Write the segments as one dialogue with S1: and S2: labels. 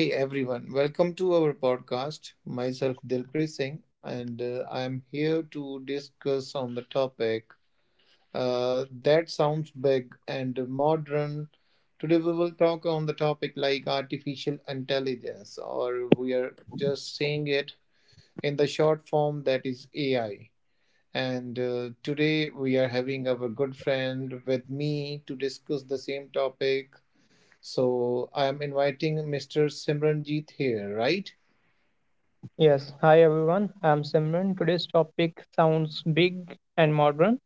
S1: Hey everyone, welcome to our podcast. Myself Dilpreet Singh, and I am here to discuss on the topic that sounds big and modern. Today we will talk on the topic like artificial intelligence, or we are just saying it in the short form that is AI. And today we are having our good friend with me to discuss the same topic. So I am inviting Mr. Simranjit here, right?
S2: Yes, hi everyone. I'm Simran. Today's topic sounds big and modern.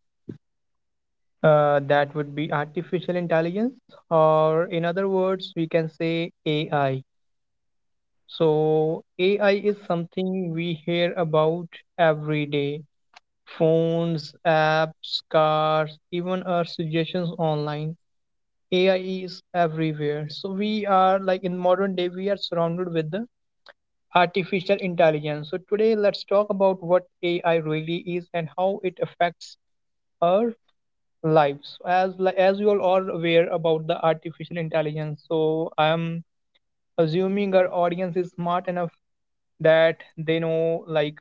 S2: That would be artificial intelligence, or in other words, we can say AI. So, AI is something we hear about every day: phones, apps, cars, even our suggestions online. AI is everywhere. So, we are like in modern day, we are surrounded with the artificial intelligence. So, today let's talk about what AI really is and how it affects our lives. So, as you all are aware about the artificial intelligence, so I am assuming our audience is smart enough that they know like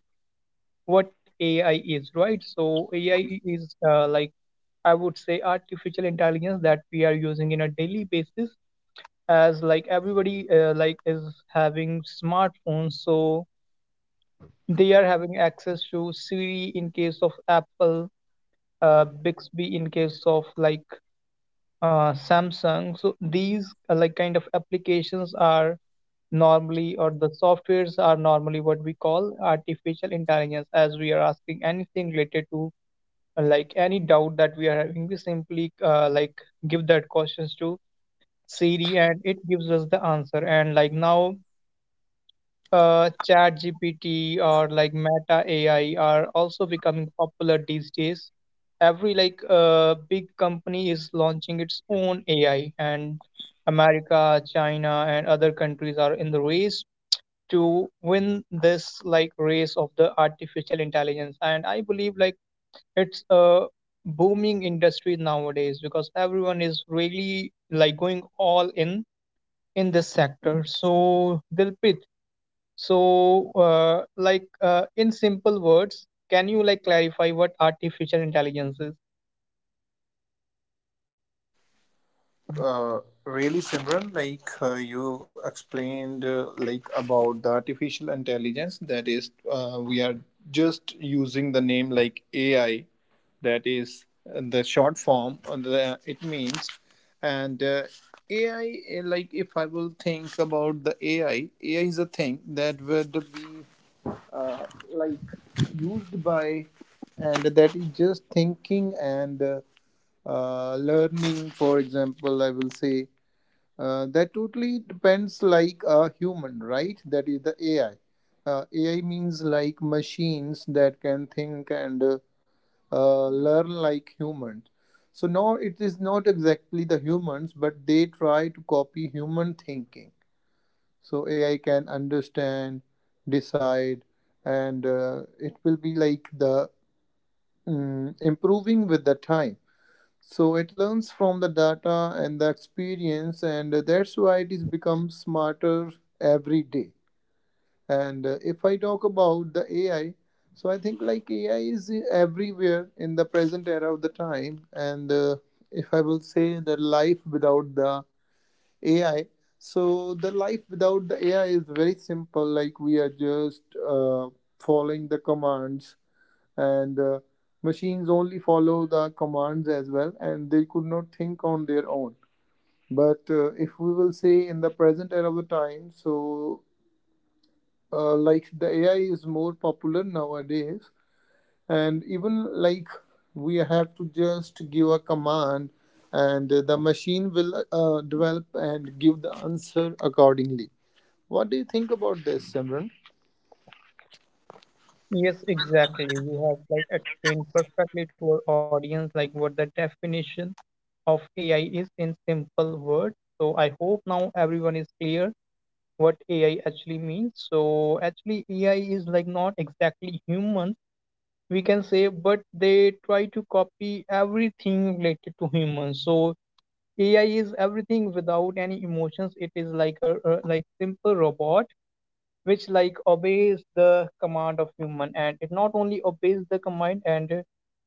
S2: what AI is, right? So, AI is like I would say artificial intelligence that we are using in a daily basis as like everybody like is having smartphones, so they are having access to Siri in case of Apple, Bixby in case of like Samsung. So these like kind of applications are normally, or the softwares are normally what we call artificial intelligence, as we are asking anything related to like any doubt that we are having, we simply like give that questions to Siri and it gives us the answer. And like now, ChatGPT or like Meta AI are also becoming popular these days. Every like big company is launching its own AI, and America, China, and other countries are in the race to win this like race of the artificial intelligence. And I believe like it's a booming industry nowadays, because everyone is really like going all in this sector. So, Dilpit, so, like in simple words, can you like clarify what artificial intelligence is?
S1: Really Simran, like you explained, like about the artificial intelligence. That is, we are just using the name like AI. That is the short form. It means, and AI. Like if I will think about the AI, AI is a thing that would be like used by, and that is just thinking and. Learning, for example, I will say that totally depends like a human, right? That is the AI. AI means like machines that can think and learn like humans. So now it is not exactly the humans, but they try to copy human thinking. So AI can understand, decide, and it will be like the improving with the time. So it learns from the data and the experience, and that's why it is becomes smarter every day. And if I talk about the AI, so I think like AI is everywhere in the present era of the time. And if I will say the life without the AI, so the life without the AI is very simple. Like we are just following the commands, and machines only follow the commands as well, and they could not think on their own. But if we will say in the present era of the time, so like the AI is more popular nowadays, and even like we have to just give a command, and the machine will develop and give the answer accordingly. What do you think about this, Simran?
S2: Yes, exactly. You have like explained perfectly to our audience like what the definition of AI is in simple words. So I hope now everyone is clear what AI actually means. So actually AI is like not exactly human, we can say, but they try to copy everything related to humans. So AI is everything without any emotions. It is like a like simple robot which like obeys the command of human, and it not only obeys the command, and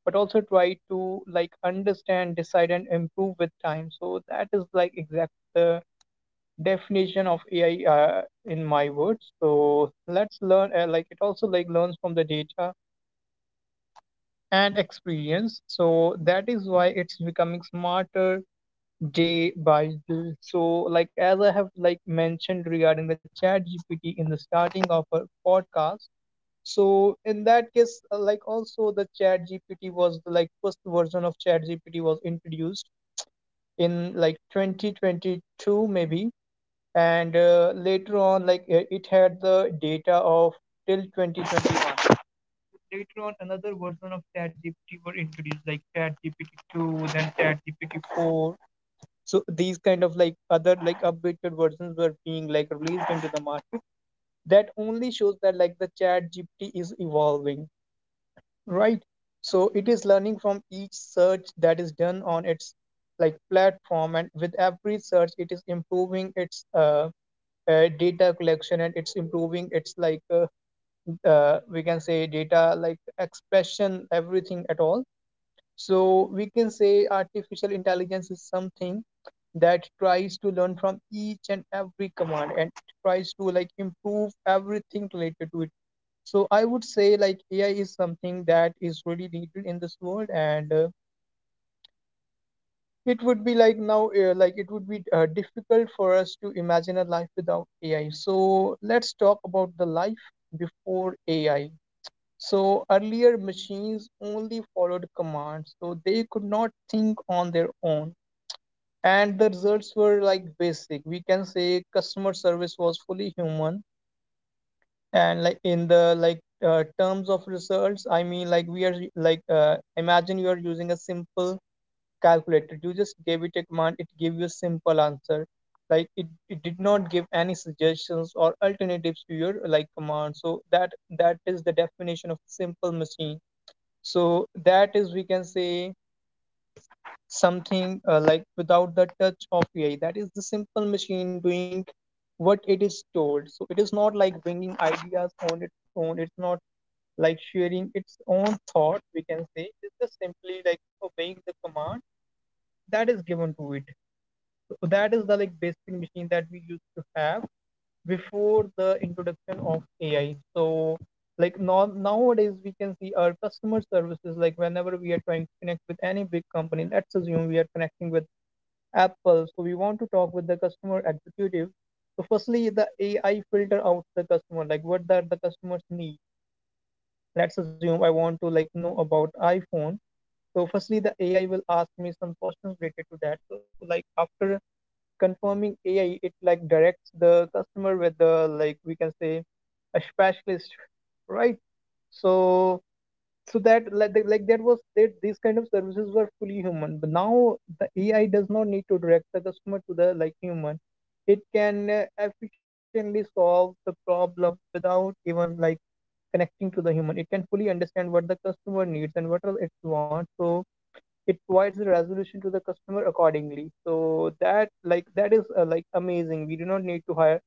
S2: but also try to like understand, decide, and improve with time. So that is like exact the definition of AI in my words. So let's learn, like it also like learns from the data and experience. So that is why it's becoming smarter day by day. So, like as I have like mentioned regarding the Chat GPT in the starting of our podcast. So in that case, like also the Chat GPT was the like first version of Chat GPT was introduced in like 2022 maybe, and later on like it had the data of till 2021. Later on, another version of Chat GPT were introduced, like Chat GPT 2, then Chat GPT 4, so these kind of like other like updated versions were being like released into the market, that only shows that like the chat gpt is evolving, right? So it is learning from each search that is done on its like platform, and with every search it is improving its data collection, and it's improving its like we can say data like expression, everything at all. So we can say artificial intelligence is something that tries to learn from each and every command, and it tries to like improve everything related to it. So I would say like AI is something that is really needed in this world, and it would be like now like it would be difficult for us to imagine a life without AI. So let's talk about the life before AI. So earlier machines only followed commands, so they could not think on their own. And the results were like basic. We can say customer service was fully human. And like in the like terms of results, I mean like we are like, imagine you are using a simple calculator. You just gave it a command, it gave you a simple answer. Like it did not give any suggestions or alternatives to your like command. So that is the definition of a simple machine. So that is, we can say, something like without the touch of AI. That is the simple machine doing what it is told. So it is not like bringing ideas on its own. It's not like sharing its own thought. We can say it's just simply like obeying the command that is given to it. So that is the like basic machine that we used to have before the introduction of AI. So like now nowadays we can see our customer services, like whenever we are trying to connect with any big company, let's assume we are connecting with Apple, so we want to talk with the customer executive. So firstly the AI filter out the customer, like what that the customers need. Let's assume I want to like know about iPhone. So firstly the AI will ask me some questions related to that. So like after confirming AI, it like directs the customer with the, like we can say, a specialist, right? So so that like that- like that was that these kind of services were fully human, but now the AI does not need to direct the customer to the like human. It can efficiently solve the problem without even like connecting to the human. It can fully understand what the customer needs and what are its wants. So it provides the resolution to the customer accordingly, so that like that is like amazing. We do not need to hire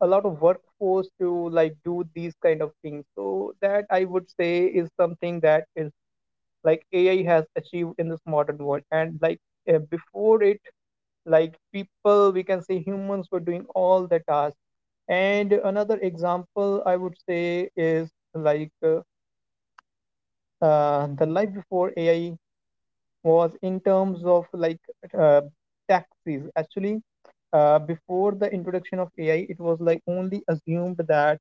S2: a lot of workforce to like do these kind of things. So that I would say is something that is like AI has achieved in this modern world. And like before it, like people, we can say humans were doing all the tasks. And another example I would say is like the life before AI was in terms of like uh, taxis. Actually, before the introduction of AI, it was like only assumed that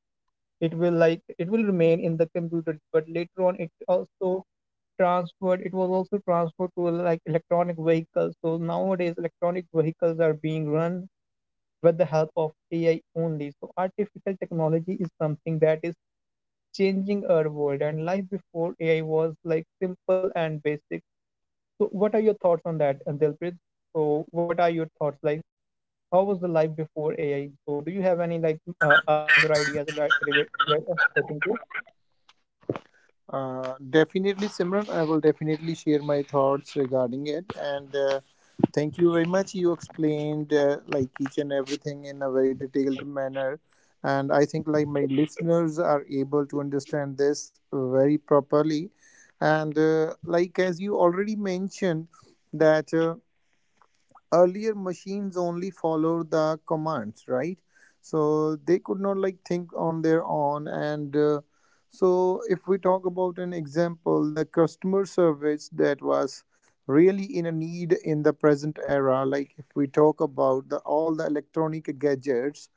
S2: it will remain in the computer, but later on it also transferred. It was also transferred to like electronic vehicles. So nowadays, electronic vehicles are being run with the help of AI only. So artificial technology is something that is changing our world, and life before AI was like simple and basic. So, what are your thoughts on that, Dilpreet? So, what are your thoughts? Like, how was the life before AI? So, do you have any like other ideas that regard that are pertaining to?
S1: Definitely, Simran. I will definitely share my thoughts regarding it. And thank you very much. You explained like each and everything in a very detailed manner, and I think like my listeners are able to understand this very properly. And like as you already mentioned that. Earlier machines only followed the commands, right? So they could not like think on their own, and so if we talk about an example, the customer service that was really in a need in the present era. Like if we talk about the all the electronic gadgets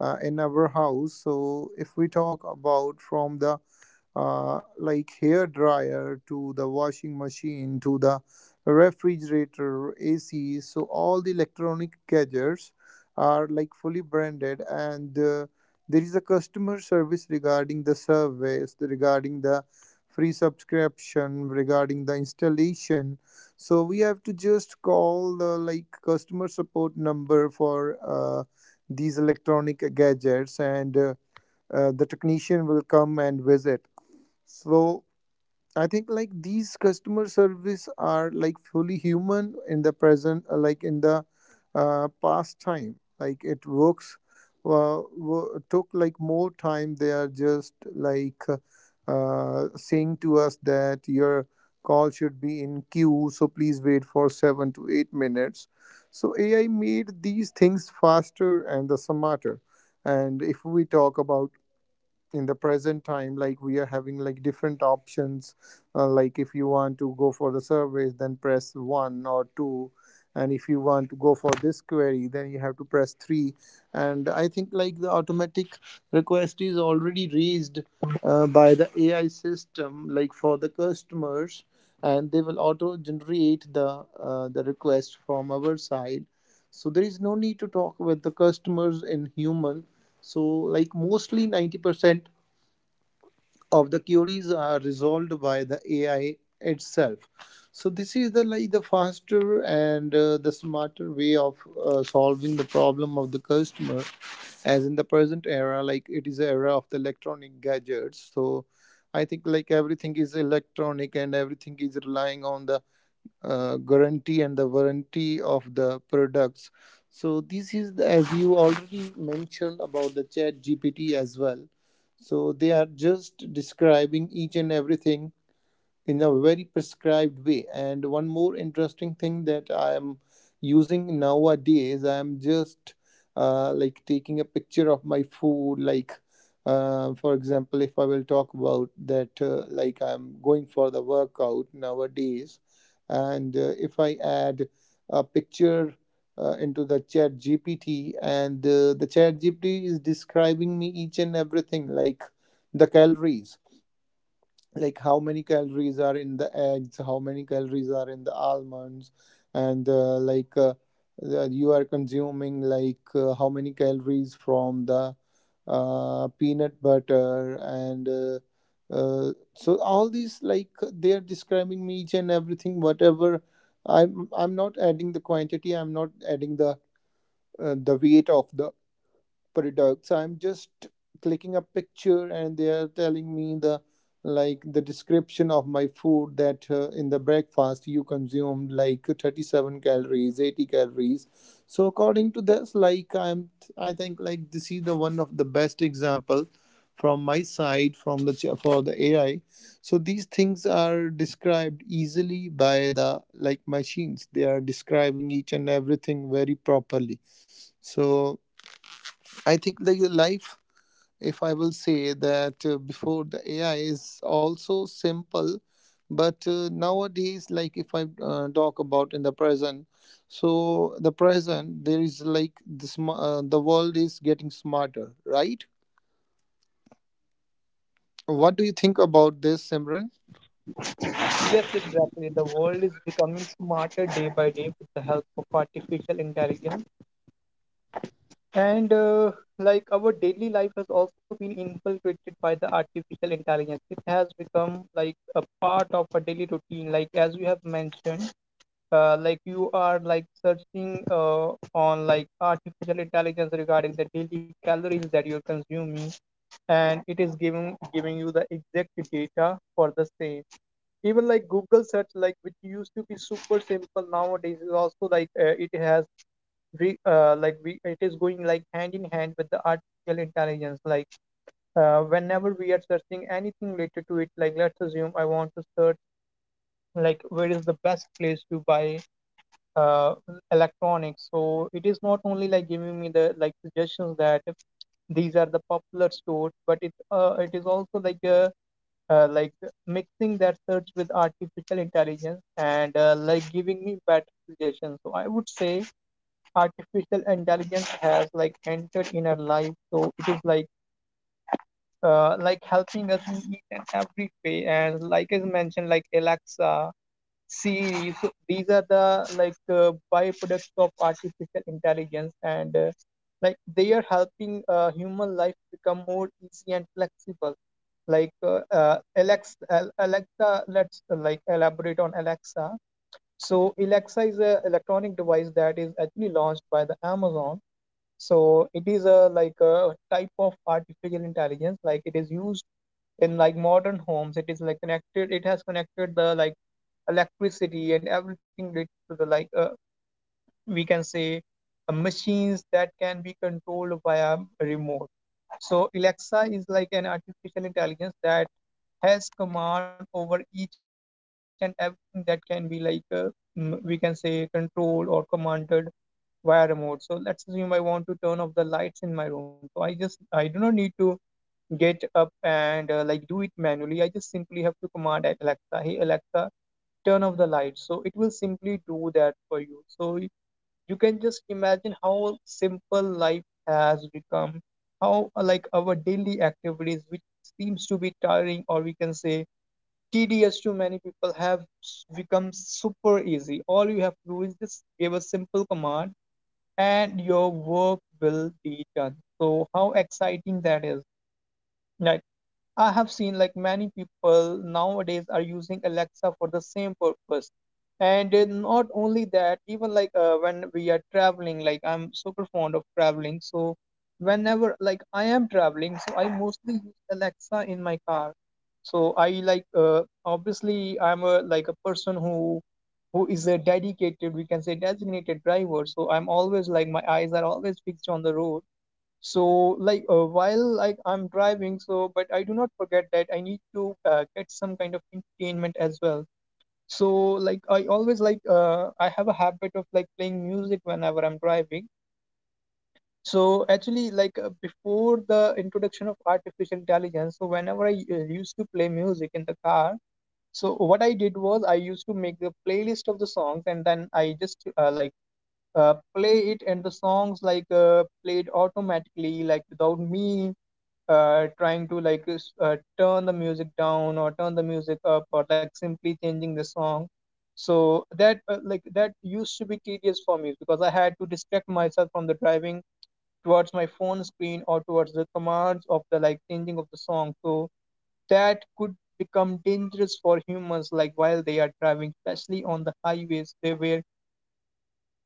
S1: in our house, so if we talk about from the like hair dryer to the washing machine to the refrigerator AC. So all the electronic gadgets are like fully branded, and there is a customer service regarding the service, regarding the free subscription, regarding the installation. So we have to just call the like customer support number for these electronic gadgets, and the technician will come and visit. So I think like these customer service are like fully human in the present, like in the past time. Like it works, took like more time. They are just like saying to us that your call should be in queue, so please wait for 7 to 8 minutes. So AI made these things faster and the smarter. And if we talk about in the present time, like we are having like different options, like if you want to go for the surveys then press one or two, and if you want to go for this query then you have to press three. And I think like the automatic request is already raised by the AI system like for the customers, and they will auto generate the request from our side. So there is no need to talk with the customers in human. So like mostly 90% of the queries are resolved by the AI itself. So this is the like the faster and the smarter way of solving the problem of the customer. As in the present era, like it is the era of the electronic gadgets. So I think like everything is electronic and everything is relying on the guarantee and the warranty of the products. As you already mentioned about the chat GPT as well, so they are just describing each and everything in a very prescribed way. And one more interesting thing that I am using nowadays, I am just like taking a picture of my food. Like, for example, if I will talk about that, like I'm going for the workout nowadays, and if I add a picture. Into the chat GPT, and the chat GPT is describing me each and everything like the calories, like how many calories are in the eggs, how many calories are in the almonds, and you are consuming like how many calories from the peanut butter, and so all these like they are describing me each and everything, whatever I'm not adding the quantity, I'm not adding the weight of the product. So I'm just clicking a picture and they are telling me the like the description of my food that in the breakfast you consumed like 37 calories, 80 calories. So according to this like, I think like this is the one of the best example from my side, for the AI. So these things are described easily by the like machines. They are describing each and everything very properly. So I think like the life, if I will say that before the AI is also simple, but nowadays, like if I talk about in the present, so the present there is like the world is getting smarter, right? What do you think about this, Simran?
S2: Yes, exactly. The world is becoming smarter day by day with the help of artificial intelligence. And like our daily life has also been infiltrated by the artificial intelligence. It has become like a part of our daily routine. Like as you have mentioned, like you are like searching on like artificial intelligence regarding the daily calories that you're consuming, and it is giving you the exact data for the same. Even like Google search, like which used to be super simple, nowadays is also like it has like we it is going like hand in hand with the artificial intelligence. Like whenever we are searching anything related to it, like let's assume I want to search like where is the best place to buy uh, electronics. So it is not only like giving me the like suggestions that these are the popular stores, but it is also like mixing that search with artificial intelligence, and like giving me better suggestions. So I would say artificial intelligence has like entered in our life. So it is like helping us in each and every way. And like I mentioned, like Alexa. See, so these are the like byproducts of artificial intelligence, and like they are helping human life become more easy and flexible. Like Alexa, let's like elaborate on Alexa. So Alexa is a electronic device that is actually launched by the Amazon. So it is a like a type of artificial intelligence. Like it is used in like modern homes. It is like connected, it has connected the like electricity and everything related to the like we can say machines that can be controlled via a remote. So Alexa is like an artificial intelligence that has command over each and everything that can be like we can say controlled or commanded via remote. So let's assume I want to turn off the lights in my room, so I just I do not need to get up and like do it manually. I just simply have to command at Alexa, hey Alexa, turn off the lights. So it will simply do that for you. So you can just imagine how simple life has become, how like our daily activities, which seems to be tiring or we can say tedious to many people, have become super easy. All you have to do is just give a simple command and your work will be done. So how exciting that is. I I have seen like many people nowadays are using Alexa for the same purpose. And not only that, even like when we are traveling, like I'm super fond of traveling. So whenever like I am traveling, so I mostly use Alexa in my car. So I like obviously I'm a like a person who is a dedicated, we can say designated driver. So I'm always like my eyes are always fixed on the road, so like while like I'm driving, so but I do not forget that I need to get some kind of entertainment as well. So like I always like I have a habit of like playing music whenever I'm driving. So actually like before the introduction of artificial intelligence, so whenever I used to play music in the car, so what I did was I used to make the playlist of the songs and then I just play it and the songs like played automatically, like without me trying to turn the music down or turn the music up or like simply changing the song. So that like that used to be tedious for me because I had to distract myself from the driving towards my phone screen or towards the commands of the like changing of the song. So that could become dangerous for humans like while they are driving, especially on the highways, where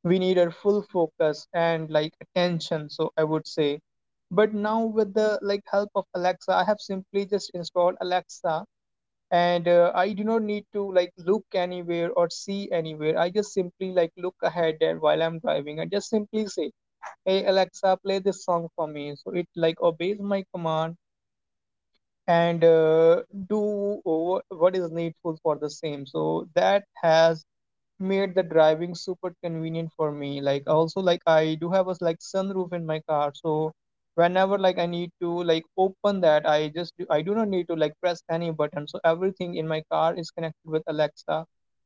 S2: we need our full focus and like attention, so I would say. But now, with the like help of Alexa, I have simply just installed Alexa, and I do not need to like look anywhere or see anywhere. I just simply like look ahead, and while I'm driving, I just simply say, "Hey Alexa, play this song for me." So it like obeys my command and do what is needful for the same. So that has made the driving super convenient for me. Like also, like I do have a like sunroof in my car, so whenever like I need to like open that, I I do not need to like press any button. So everything in my car is connected with Alexa,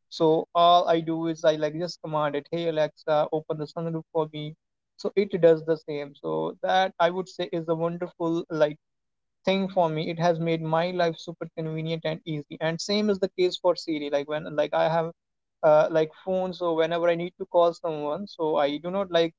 S2: so all I do is I like just command it, "Hey Alexa, open the sunroof for me." So it does the same. So that, I would say, is a wonderful like thing for me. It has made my life super convenient and easy. And same is the case for Siri. Like when like I have like phone, so whenever I need to call someone, so I do not like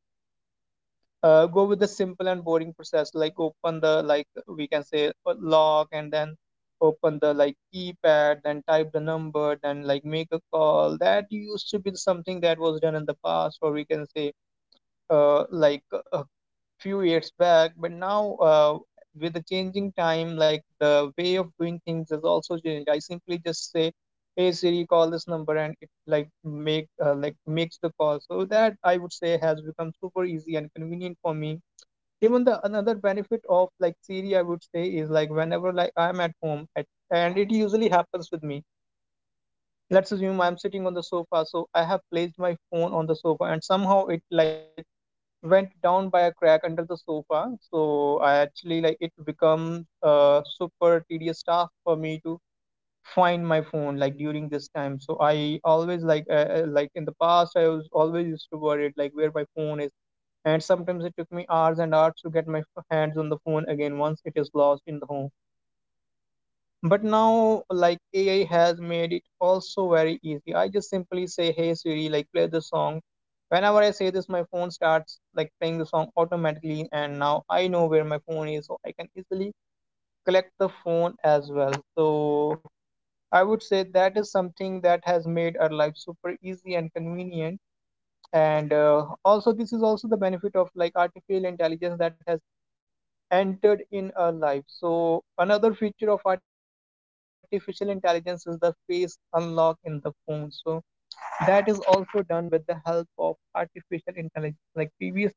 S2: go with the simple and boring process, like open the like we can say lock and then open the like keypad, then type the number, then like make a call. That used to be something that was done in the past, or we can say uh, like uh, few years back. But now with the changing time, like the way of doing things has also changed. I simply just say, "Hey Siri, call this number," and it like makes the call. So that, I would say, has become super easy and convenient for me. Even the another benefit of like Siri, I would say, is like whenever like I'm at home and it usually happens with me, let's assume I'm sitting on the sofa, so I have placed my phone on the sofa and somehow it like went down by a crack under the sofa. So I actually like it becomes a super tedious task for me to find my phone like during this time. So I always like in the past I was always used to worried like where my phone is, and sometimes it took me hours and hours to get my hands on the phone again once it is lost in the home. But now, like AI has made it also very easy. I just simply say, "Hey Siri, like play the song." Whenever I say this, my phone starts like playing the song automatically, and now I know where my phone is, so I can easily collect the phone as well. So I would say that is something that has made our life super easy and convenient. And also, this is also the benefit of like artificial intelligence that has entered in our life. So another feature of artificial intelligence is the face unlock in the phone. So that is also done with the help of artificial intelligence. Like previously,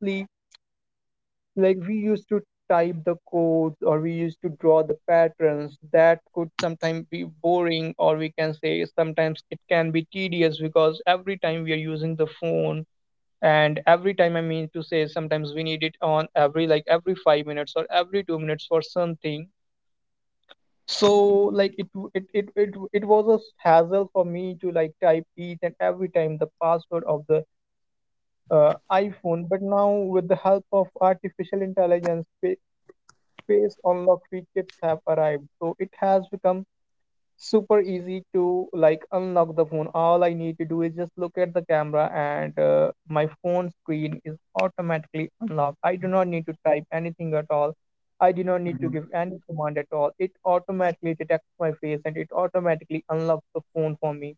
S2: like we used to type the codes or we used to draw the patterns that could sometimes be boring, or we can say sometimes it can be tedious because every time we are using the phone, and every time I mean to say sometimes we need it on every 5 minutes or every 2 minutes for something. So like it w- it was a hassle for me to like type each and every time the password of the uh, iPhone. But now, with the help of artificial intelligence, face unlock features have arrived, so it has become super easy to like unlock the phone. All I need to do is just look at the camera, and my phone screen is automatically unlocked. I do not need to type anything at all. I do not need to give any command at all. It automatically detects my face and it automatically unlocks the phone for me.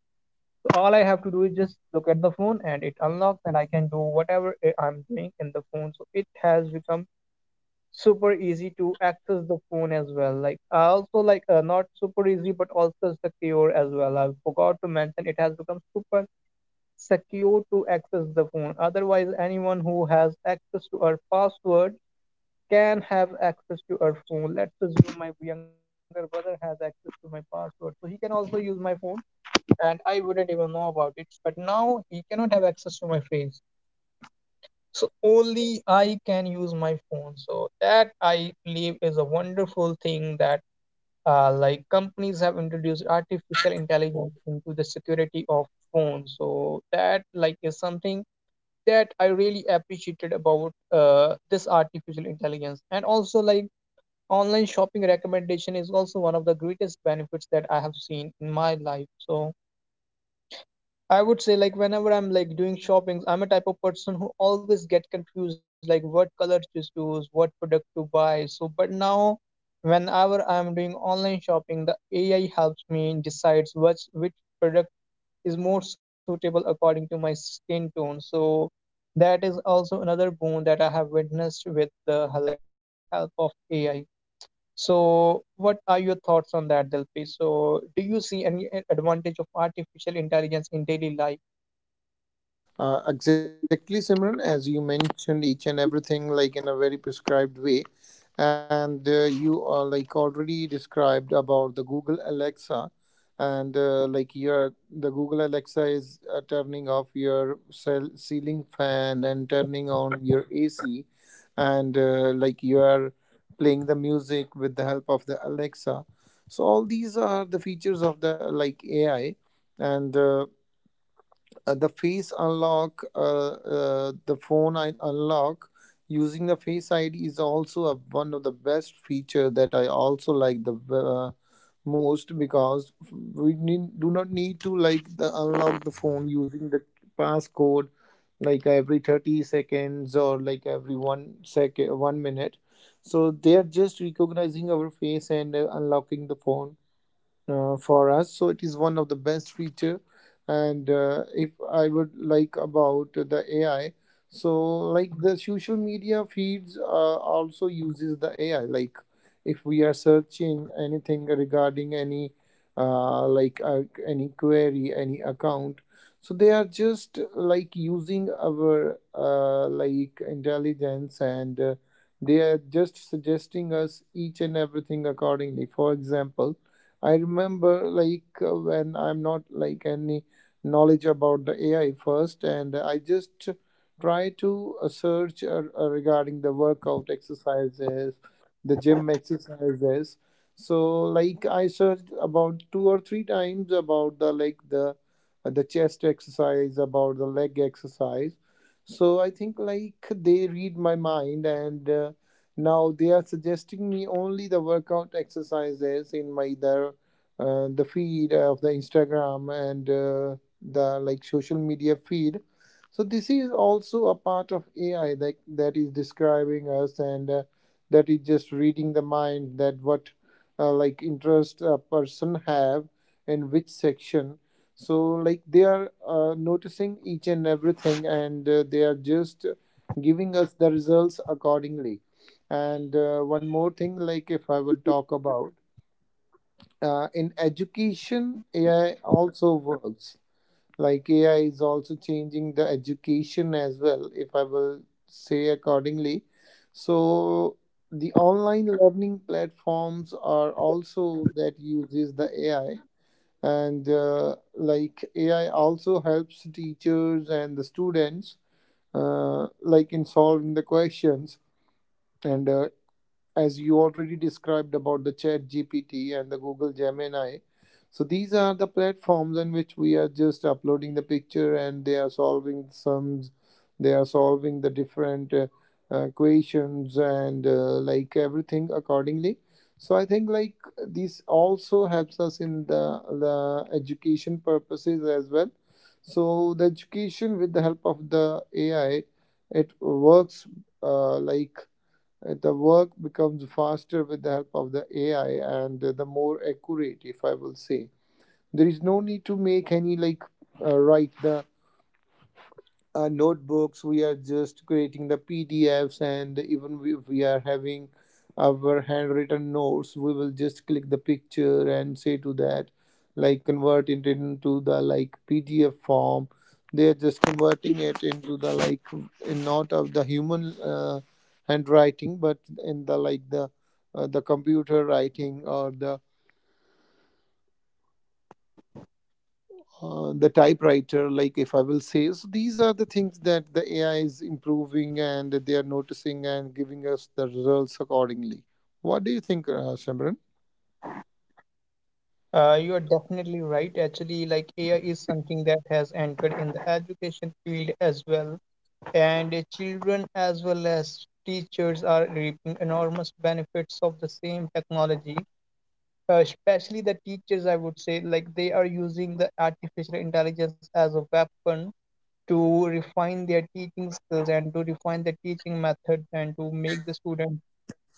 S2: So all I have to do is just look at the phone and it unlocks, and I can do whatever I'm doing in the phone. So it has become super easy to access the phone as well. Like also, like not super easy but also secure as well, I forgot to mention. It has become super secure to access the phone. Otherwise, anyone who has access to our password can have access to our phone. Let's assume my younger brother has access to my password, so he can also use my phone and I wouldn't even know about it. But now he cannot have access to my face, so only I can use my phone. So that, I believe, is a wonderful thing that like companies have introduced artificial intelligence into the security of phones. So that like is something that I really appreciated about this artificial intelligence. And also, like online shopping recommendation is also one of the greatest benefits that I have seen in my life. So I would say, like whenever I'm like doing shopping, I'm a type of person who always get confused, like what color to choose, what product to buy. So, but now whenever I'm doing online shopping, the AI helps me and decides which product is more suitable according to my skin tone. So that is also another boon that I have witnessed with the like help of AI. So what are your thoughts on that, Dilpi? So do you see any advantage of artificial intelligence in daily life?
S1: Exactly, Simran, as you mentioned each and everything like in a very prescribed way, and you are like already described about the Google Alexa, and like your the Google Alexa is turning off your cell ceiling fan and turning on your AC, and like you are playing the music with the help of the Alexa. So all these are the features of the like AI. And. The face unlock, the phone I unlock using the face ID is also a, one of the best feature that I also like the most, because we need, do not need to like the unlock the phone using the passcode like every 30 seconds or like every 1 second, 1 minute, so they are just recognizing our face and unlocking the phone for us. So it is one of the best feature. And if I would like about the AI, so like the social media feeds also uses the AI. Like if we are searching anything regarding any any query, any account, so they are just like using our like intelligence, and they are just suggesting us each and everything accordingly. For example, I remember like when I'm not like any knowledge about the AI first, and I just try to search regarding the workout exercises, the gym exercises. So like I searched about two or three times about the like the chest exercise, about the leg exercise. So I think like they read my mind. And now they are suggesting me only the workout exercises in my the feed of the Instagram and the like social media feed. So this is also a part of AI that is describing us, and that is just reading the mind that what like interest a person have in which section. So like they are noticing each and everything, and they are just giving us the results accordingly. And one more thing, like if I will talk about in education, AI also works. Like AI is also changing the education as well, if I will say accordingly. So the online learning platforms are also that uses the AI, and like AI also helps teachers and the students like in solving the questions, and as you already described about the chat GPT and the Google Gemini. So these are the platforms in which we are just uploading the picture and they are solving sums, they are solving the different equations, and like everything accordingly. So I think like this also helps us in the education purposes as well. So the education with the help of the AI, it works uh, like the work becomes faster with the help of the AI, and the more accurate, if I will say. There is no need to make any like write the notebooks. We are just creating the PDFs, and even if we are having our handwritten notes, we will just click the picture and say to that like convert it into the like PDF form. They are just converting it into the like in not of the human uh, handwriting, but in the like the computer writing or the typewriter, like if I will say. So these are the things that the AI is improving, and they are noticing and giving us the results accordingly. What do you think, Simran?
S2: You are definitely right. Actually, like AI is something that has entered in the education field as well, and children as well as teachers are reaping enormous benefits of the same technology. Especially the teachers, I would say, like they are using the artificial intelligence as a weapon to refine their teaching skills and to refine the teaching method and to make the student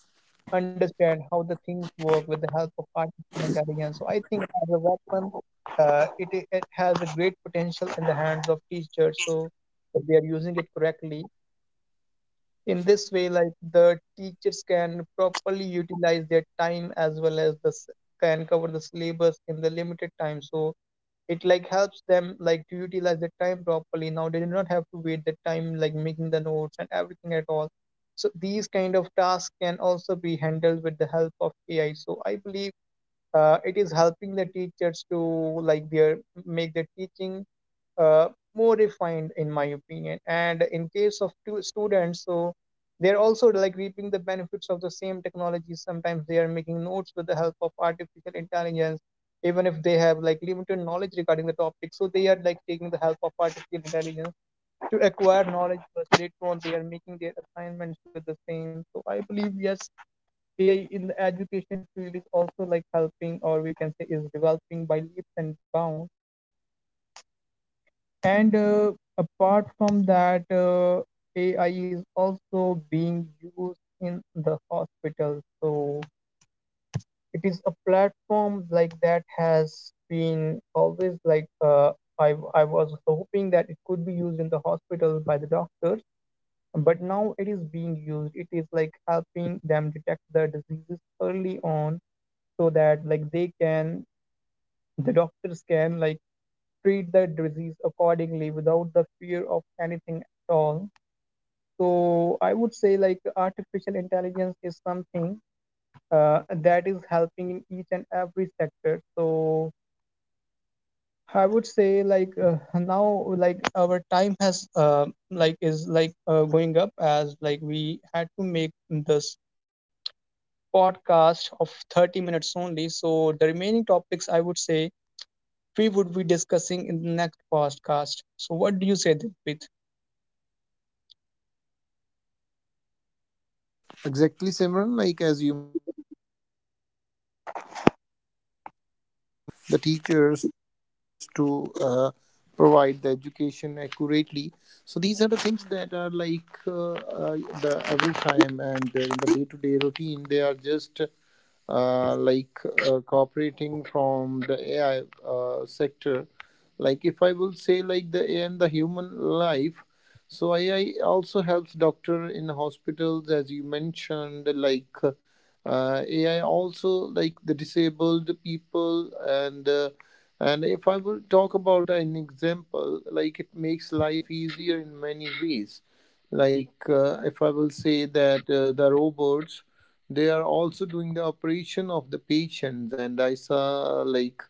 S2: understand how the things work with the help of artificial intelligence. So I think as a weapon, uh, it, it has a great potential in the hands of teachers. So if they are using it correctly, in this way, like the teachers can properly utilize their time as well as the can cover the syllabus in the limited time. So it like helps them like to utilize the time properly. Now they do not have to wait the time like making the notes and everything at all. So these kind of tasks can also be handled with the help of AI. So I believe it is helping the teachers to like their make their teaching uh, more refined, in my opinion. And in case of two students, so they're also like reaping the benefits of the same technology. Sometimes they are making notes with the help of artificial intelligence, even if they have like limited knowledge regarding the topic. So they are like taking the help of artificial intelligence to acquire knowledge, plus later on they are making their assignments with the same. So I believe, yes, AI in the education field is also like helping, or we can say is developing by leaps and bounds. And apart from that, AI is also being used in the hospital. So it is a platform like that has been always like I was hoping that it could be used in the hospital by the doctors, but now it is being used. It is like helping them detect the diseases early on so that like the doctors can like treat that disease accordingly without the fear of anything at all. So I would say like artificial intelligence is something that is helping in each and every sector. So I would say like now like our time has like is going up, as like we had to make this podcast of 30 minutes only. So the remaining topics, I would say, we would be discussing in the next podcast. So what do you say, Dilpit?
S1: Exactly, Simran, like as you mentioned that the AI in the education also helps the teachers to provide the education accurately. So these are the things that are like the every time the day-to-day routine. They are just uh, like cooperating from the AI sector. Like if I will say like the AI and the human life, so AI also helps doctor in hospitals, as you mentioned. Like AI also like the disabled people and if I will talk about an example, like it makes life easier in many ways. Like if I will say that the robots, they are also doing the operation of the patients, and I saw like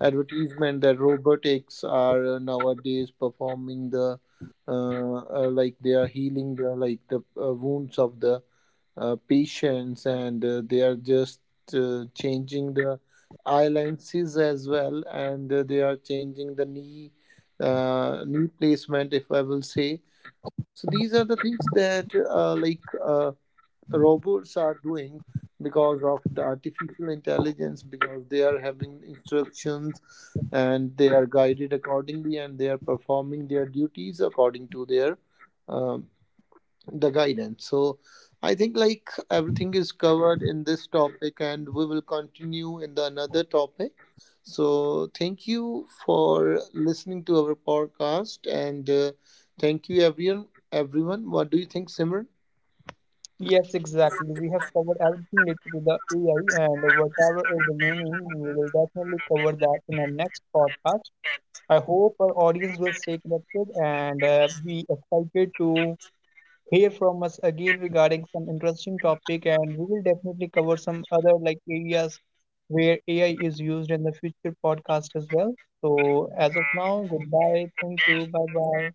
S1: advertisement that robotics are nowadays performing the they are healing the like the wounds of the patients, and they are just changing the eye lenses as well, and they are changing the knee placement, if I will say. So these are the things that robots are doing because of the artificial intelligence, because they are having instructions and they are guided accordingly, and they are performing their duties according to their um, the guidance. So I think like everything is covered in this topic, and we will continue in the another topic. So thank you for listening to our podcast, and thank you everyone, what do you think, Simran?
S2: Yes, exactly. We have covered everything related to the AI, and whatever is remaining, we will definitely cover that in our next podcast. I hope our audience will stay connected and be excited to hear from us again regarding some interesting topic. And we will definitely cover some other like areas where AI is used in the future podcast as well. So as of now, goodbye. Thank you. Bye bye.